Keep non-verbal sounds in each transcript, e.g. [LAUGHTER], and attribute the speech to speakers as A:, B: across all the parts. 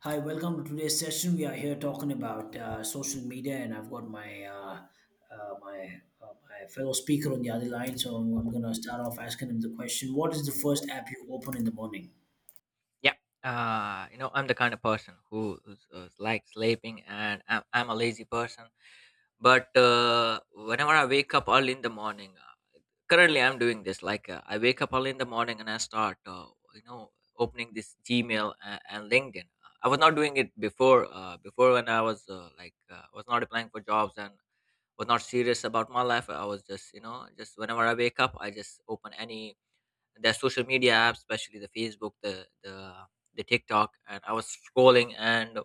A: Hi, welcome to today's session. We are here talking about social media, and I've got my my my fellow speaker on the other line. So I'm going to start off asking him the question: What is the first app you open in the morning?
B: Yeah, you know, I'm the kind of person who's likes sleeping, and I'm a lazy person. But whenever I wake up early in the morning, currently I'm doing this. Like I wake up early in the morning and I start, you know, opening this Gmail and LinkedIn. I was not doing it before. Before when I was was not applying for jobs and was not serious about my life. I was just, you know, just whenever I wake up, I just open any their social media apps, especially the Facebook, the TikTok, and I was scrolling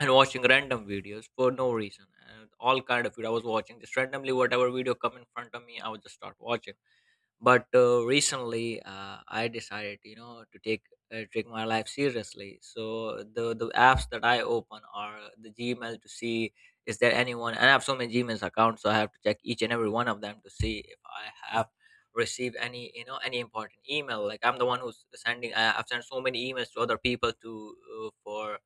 B: and watching random videos for no reason and all kind of it. I was watching just randomly whatever video come in front of me, I would just start watching but recently I decided, you know, to take take my life seriously. So the apps that I open are the Gmail to see is there anyone, and I have so many Gmail's accounts, so I have to check each and every one of them to see if I have received any, you know, any important email. Like I'm the one who's sending. I've sent so many emails to other people to for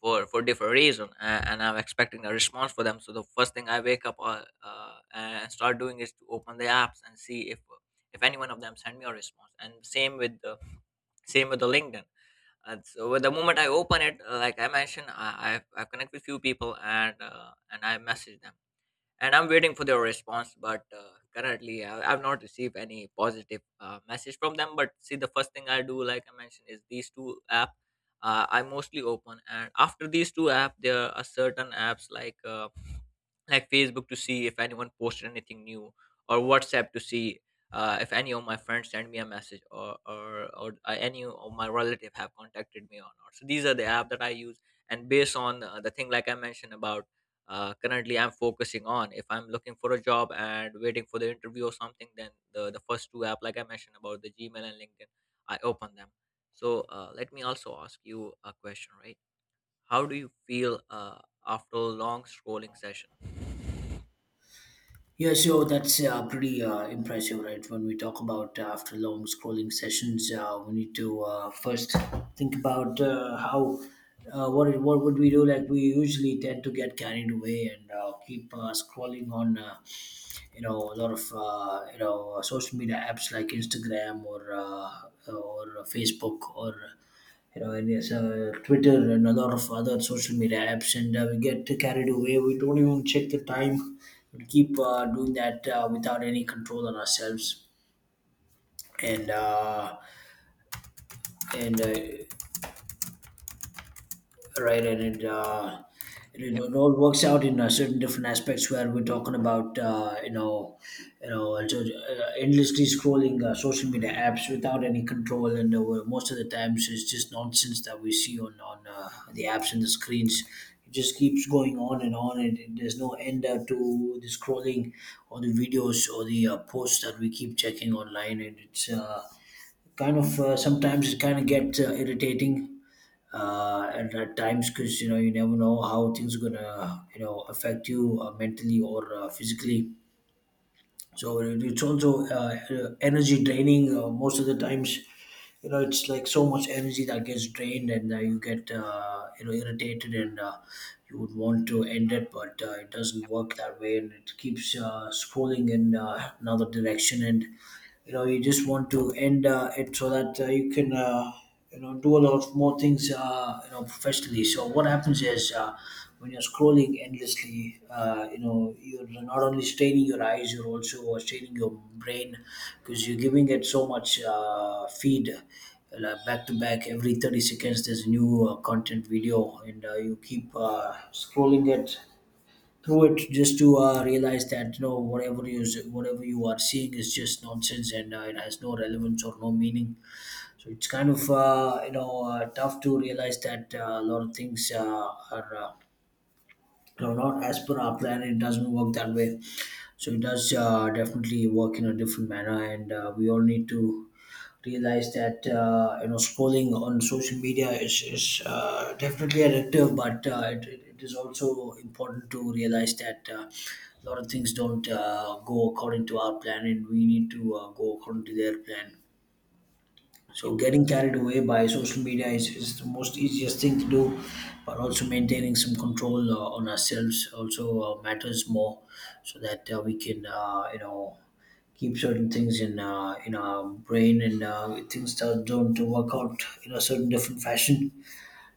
B: for different reason, and I'm expecting a response for them. So the first thing I wake up and start doing is to open the apps and see if any one of them send me a response. And same with the LinkedIn. And so with the moment I open it, like I mentioned, I connect with few people and I message them, and I'm waiting for their response. But currently, I've not received any positive message from them. But see, the first thing I do, like I mentioned, is these two app I mostly open, and after these two app, there are certain apps like Facebook to see if anyone posted anything new, or WhatsApp to see if any of my friends send me a message, or or any of my relative have contacted me or not. So these are the app that I use, and based on the thing like I mentioned about currently I'm focusing on. If I'm looking for a job and waiting for the interview or something, then the first two app, like I mentioned about the Gmail and LinkedIn, I open them. So let me also ask you a question, right? How do you feel after a long scrolling session?
A: Yeah, so that's pretty impressive, right? When we talk about after long scrolling sessions, we need to first think about how what would we do? Like we usually tend to get carried away and keep scrolling on, you know, a lot of you know social media apps like Instagram or Facebook or you know, and yes, Twitter and a lot of other social media apps, and we get carried away. We don't even check the time. We'll keep doing that without any control on ourselves, and uh, and right and it uh, it, it
B: Yeah,
A: it all works out in certain different aspects where we're talking about and so, endlessly scrolling social media apps without any control and well, most of the times it's just nonsense that we see on the apps and the screens. It just keeps going on and there's no end to the scrolling or the videos or the posts that we keep checking online, and it's kind of sometimes it kind of gets irritating at times because you know you never know how things are gonna you know affect you mentally or physically. So it's also energy draining most of the times. You know, it's like so much energy that gets drained, and you get you know irritated, and you would want to end it, but it doesn't work that way, and it keeps scrolling in another direction, and you know you just want to end it so that you can you know do a lot of more things you know professionally. So what happens is when you're scrolling endlessly you know you're not only straining your eyes, you're also straining your brain because you're giving it so much feed, like back to back every 30 seconds there's a new content video, and you keep scrolling it through it just to realize that you know whatever you are seeing is just nonsense and it has no relevance or no meaning. So it's kind of tough to realize that a lot of things are you know, not as per our plan. It doesn't work that way. So it does definitely work in a different manner, and we all need to realize that you know scrolling on social media is definitely addictive, but it is also important to realize that a lot of things don't go according to our plan, and we need to go according to their plan. So
B: yeah,
A: getting carried away by social media is the most easiest thing to do, but also maintaining some control on ourselves also matters more, so that we can you know keep certain things in our brain, and things just don't to work out in a certain different fashion.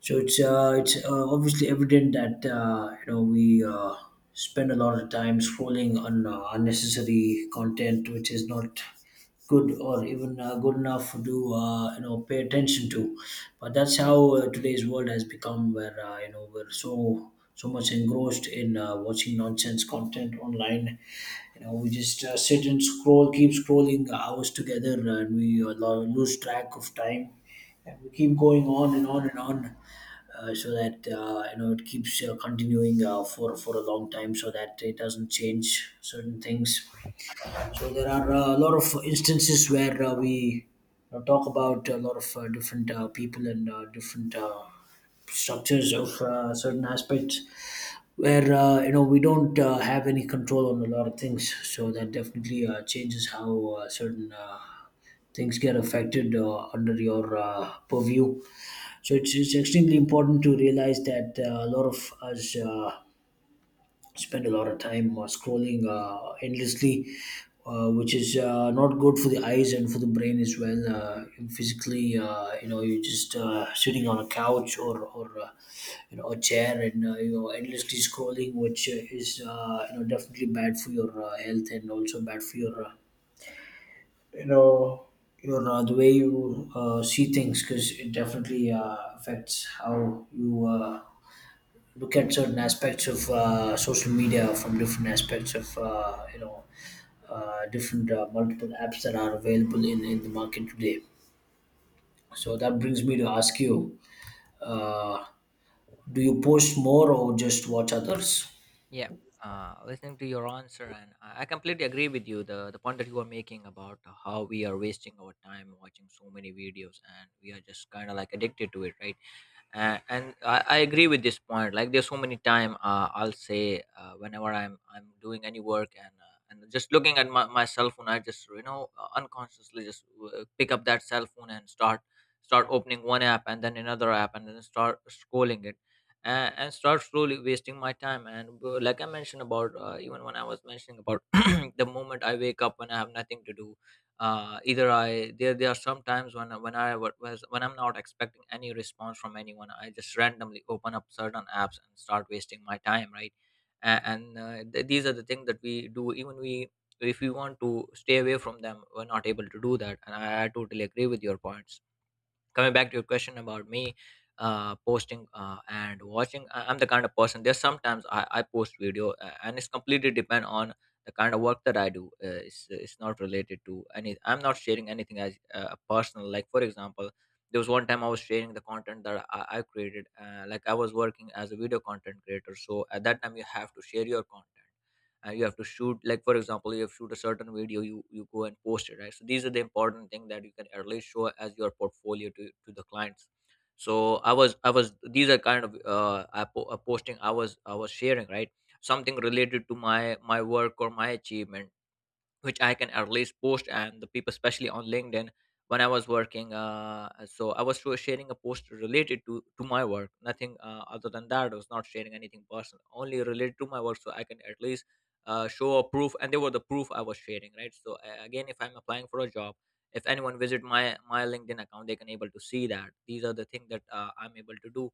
A: So it's obviously evident that you know we spend a lot of time scrolling on unnecessary content, which is not good or even good enough to you know pay attention to. But that's how today's world has become, where you know we're so much engrossed in watching nonsense content online. You know, we just sit and scroll, keep scrolling hours together, and we lose track of time, and we keep going on and on and on, so that you know it keeps continuing for a long time, so that it doesn't change certain things. So there are a lot of instances where we you talk about a lot of different people and different structures of certain aspects where you know we don't have any control on a lot of things, so that definitely changes how certain things get affected under your purview. So it's extremely important to realize that a lot of us spend a lot of time scrolling endlessly, which is not good for the eyes and for the brain as well. Physically, you know, you're just sitting on a couch or you know, a chair, and you know, endlessly scrolling, which is you know definitely bad for your health, and also bad for your you know your the way you see things, because it definitely affects how you look at certain aspects of social media from different aspects of different multiple apps that are available in the market today. So that brings me to ask you, uh, do you post more or just watch others?
B: yeah. Listening to your answer, and I completely agree with you. The point that you are making about how we are wasting our time watching so many videos, and we are just kind of like addicted to it, right? And I agree with this point. Like there's so many time, I'll say whenever I'm doing any work and just looking at my cell phone, I just, you know, unconsciously just pick up that cell phone and start opening one app and then another app and then start scrolling it, and start slowly wasting my time. And like I mentioned about even when I was mentioning about [CLEARS THROAT] the moment I wake up when I have nothing to do, either I there there are some times when I wa- was when I'm not expecting any response from anyone, I just randomly open up certain apps and start wasting my time, right? And these are the things that we do. Even we if we want to stay away from them, we're not able to do that. And I totally agree with your points. Coming back to your question about me posting and watching, I'm the kind of person there's sometimes I post video and it's completely depend on the kind of work that I do. It's not related to any. I'm not sharing anything as personal. Like for example, there was one time I was sharing the content that I created. Like I was working as a video content creator, so at that time you have to share your content, and you have to shoot. Like for example, you have shoot a certain video, you go and post it, right? So these are the important thing that you can at least show as your portfolio to the clients. So I was these are kind of posting. I was sharing, right? Something related to my work or my achievement, which I can at least post. And the people, especially on LinkedIn, when I was working. So I was sharing a post related to my work, nothing other than that. I was not sharing anything personal, only related to my work, so I can at least show a proof. And they were the proof I was sharing, right? So again, if I'm applying for a job, if anyone visit my LinkedIn account, they can able to see that these are the things that I'm able to do.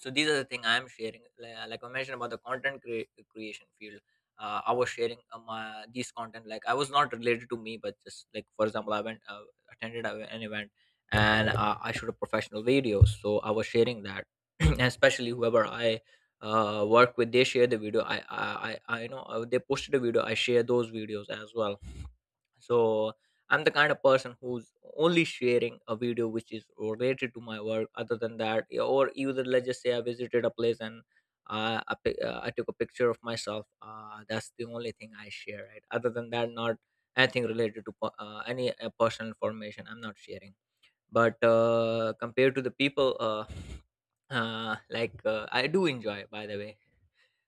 B: So these are the thing I'm sharing, like I mentioned about the content creation field. I was sharing my these content. Like I was not related to me, but just like for example, I went attended an event, and I shot a professional video, so I was sharing that. [CLEARS THROAT] And especially whoever I work with, they share the video. I, you know, they posted a video, I share those videos as well. So I'm the kind of person who's only sharing a video which is related to my work. Other than that, yeah, or either let's just say I visited a place and I took a picture of myself. That's the only thing I share. Right. Other than that, not anything related to any personal information. I'm not sharing. But compared to the people, I do enjoy, by the way,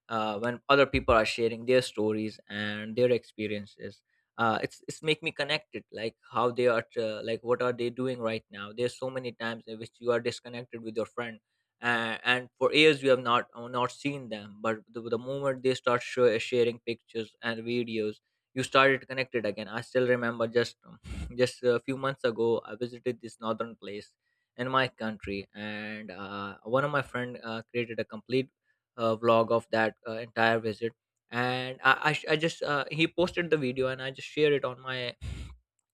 B: when other people are sharing their stories and their experiences. It's make me connected, like how they are, like what are they doing right now. There's so many times in which you are disconnected with your friend, and for years you have not not seen them. But the moment they start sharing pictures and videos, you started connected again. I still remember, just [LAUGHS] just a few months ago I visited this northern place in my country. And one of my friend created a complete vlog of that entire visit. And I just he posted the video and I just shared it on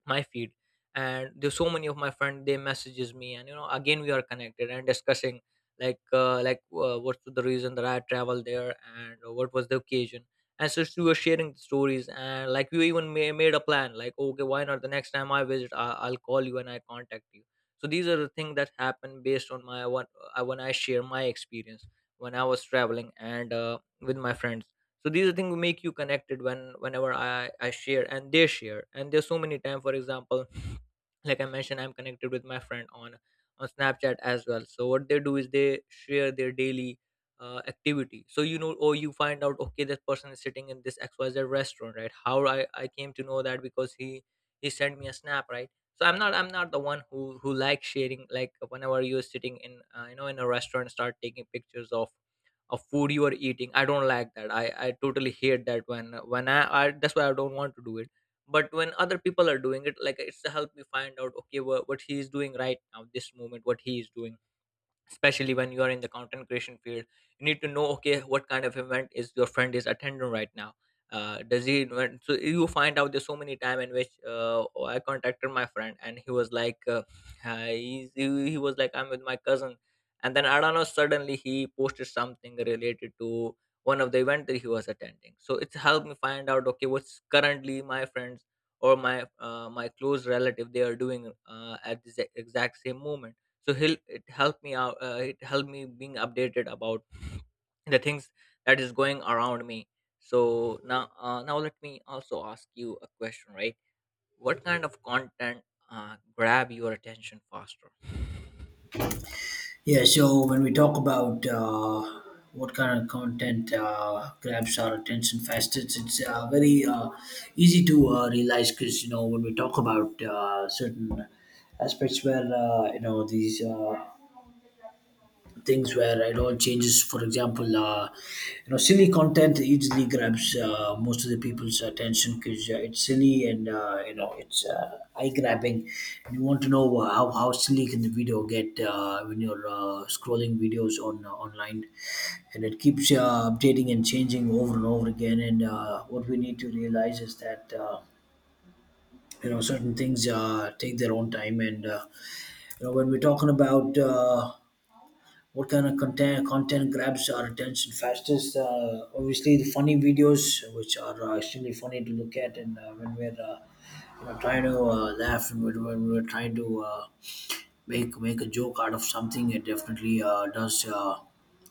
B: my feed. And there's so many of my friend, they messages me, and, you know, again we are connected and discussing, like what's the reason that I traveled there and what was the occasion. And so we were sharing the stories, and like we even made a plan, like okay, why not the next time I visit, I'll call you and I contact you. So these are the things that happen based on my what when I share my experience when I was traveling and with my friends. So these are things make you connected when whenever I share and they share. And there's so many time, for example, [SNIFFS] like I mentioned, I'm connected with my friend on Snapchat as well. So what they do is they share their daily activity. So you know, or you find out, okay, this person is sitting in this XYZ restaurant, right? How I came to know that because he sent me a snap, right? So I'm not the one who likes sharing, like whenever you're sitting in, you know, in a restaurant, start taking pictures of food you are eating. I don't like that. I totally hate that. When I, that's why I don't want to do it. But when other people are doing it, like it's to help me find out, okay, what he is doing right now, this moment what he is doing. Especially when you are in the content creation field, you need to know, okay, what kind of event is your friend is attending right now. Does he so you find out there's so many time in which oh, I contacted my friend and he was like, he was like, I'm with my cousin. And then I don't know, suddenly he posted something related to one of the event that he was attending. So it's helped me find out, okay, what's currently my friends or my my close relative they are doing at this exact same moment. So he'll it helped me out, it helped me being updated about the things that is going around me. So now, now let me also ask you a question, right? What kind of content grab your attention faster?
A: Yeah, so when we talk about what kind of content grabs our attention fastest, it's very easy to realize, because you know when we talk about certain aspects where you know these things where it all changes. For example, you know, silly content easily grabs most of the people's attention because it's silly and you know it's eye grabbing. And you want to know how silly can the video get when you're scrolling videos on online, and it keeps updating and changing over and over again. And what we need to realize is that. You know certain things take their own time, and you know when we're talking about what kind of content grabs our attention fastest, obviously the funny videos, which are extremely funny to look at. And when we're you know trying to laugh, and when we're trying to make a joke out of something, it definitely does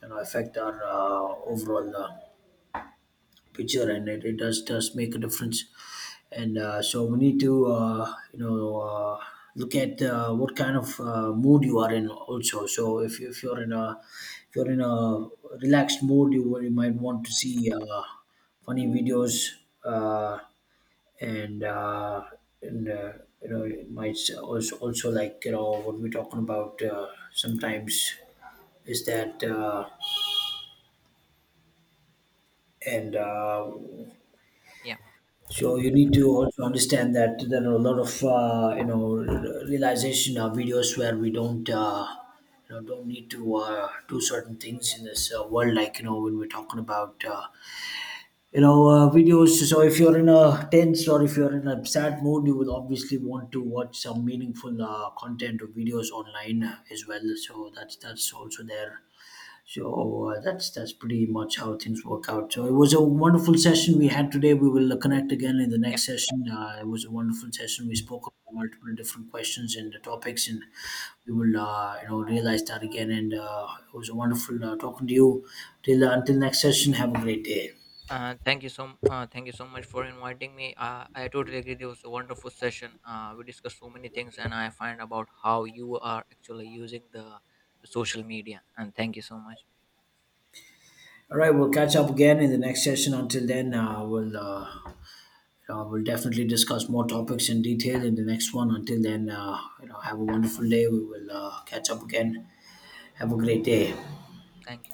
A: you know affect our overall picture, and it does make a difference. And so we need to look at what kind of mood you are in also. So if you're in a if you're in a relaxed mood, you might want to see funny videos, uh, and uh, and you know it might also like you know what we're talking about sometimes is that and
B: Yeah,
A: so you need to also understand that there are a lot of you know realization videos where we don't you know don't need to do certain things in this world. Like you know when we're talking about videos. So if you're in a tense or if you're in a sad mood, you will obviously want to watch some meaningful content or videos online as well. So that's also there. So that's pretty much how things work out. So it was a wonderful session we had today. We will connect again in the
B: yeah.
A: next session. It was a wonderful session. We spoke about multiple different questions and the topics, and we will you know realize that again. And it was a wonderful talking to you. Till until next session, have a great day.
B: uh, thank you so Thank you so much for inviting me. I totally agree, it was a wonderful session. We discussed so many things, and I find about how you are actually using the social media. And thank you so much.
A: All right, we'll catch up again in the next session. Until then, we'll. You know, we'll definitely discuss more topics in detail in the next one. Until then, you know, have a wonderful day. We will catch up again. Have a great day.
B: Thank you.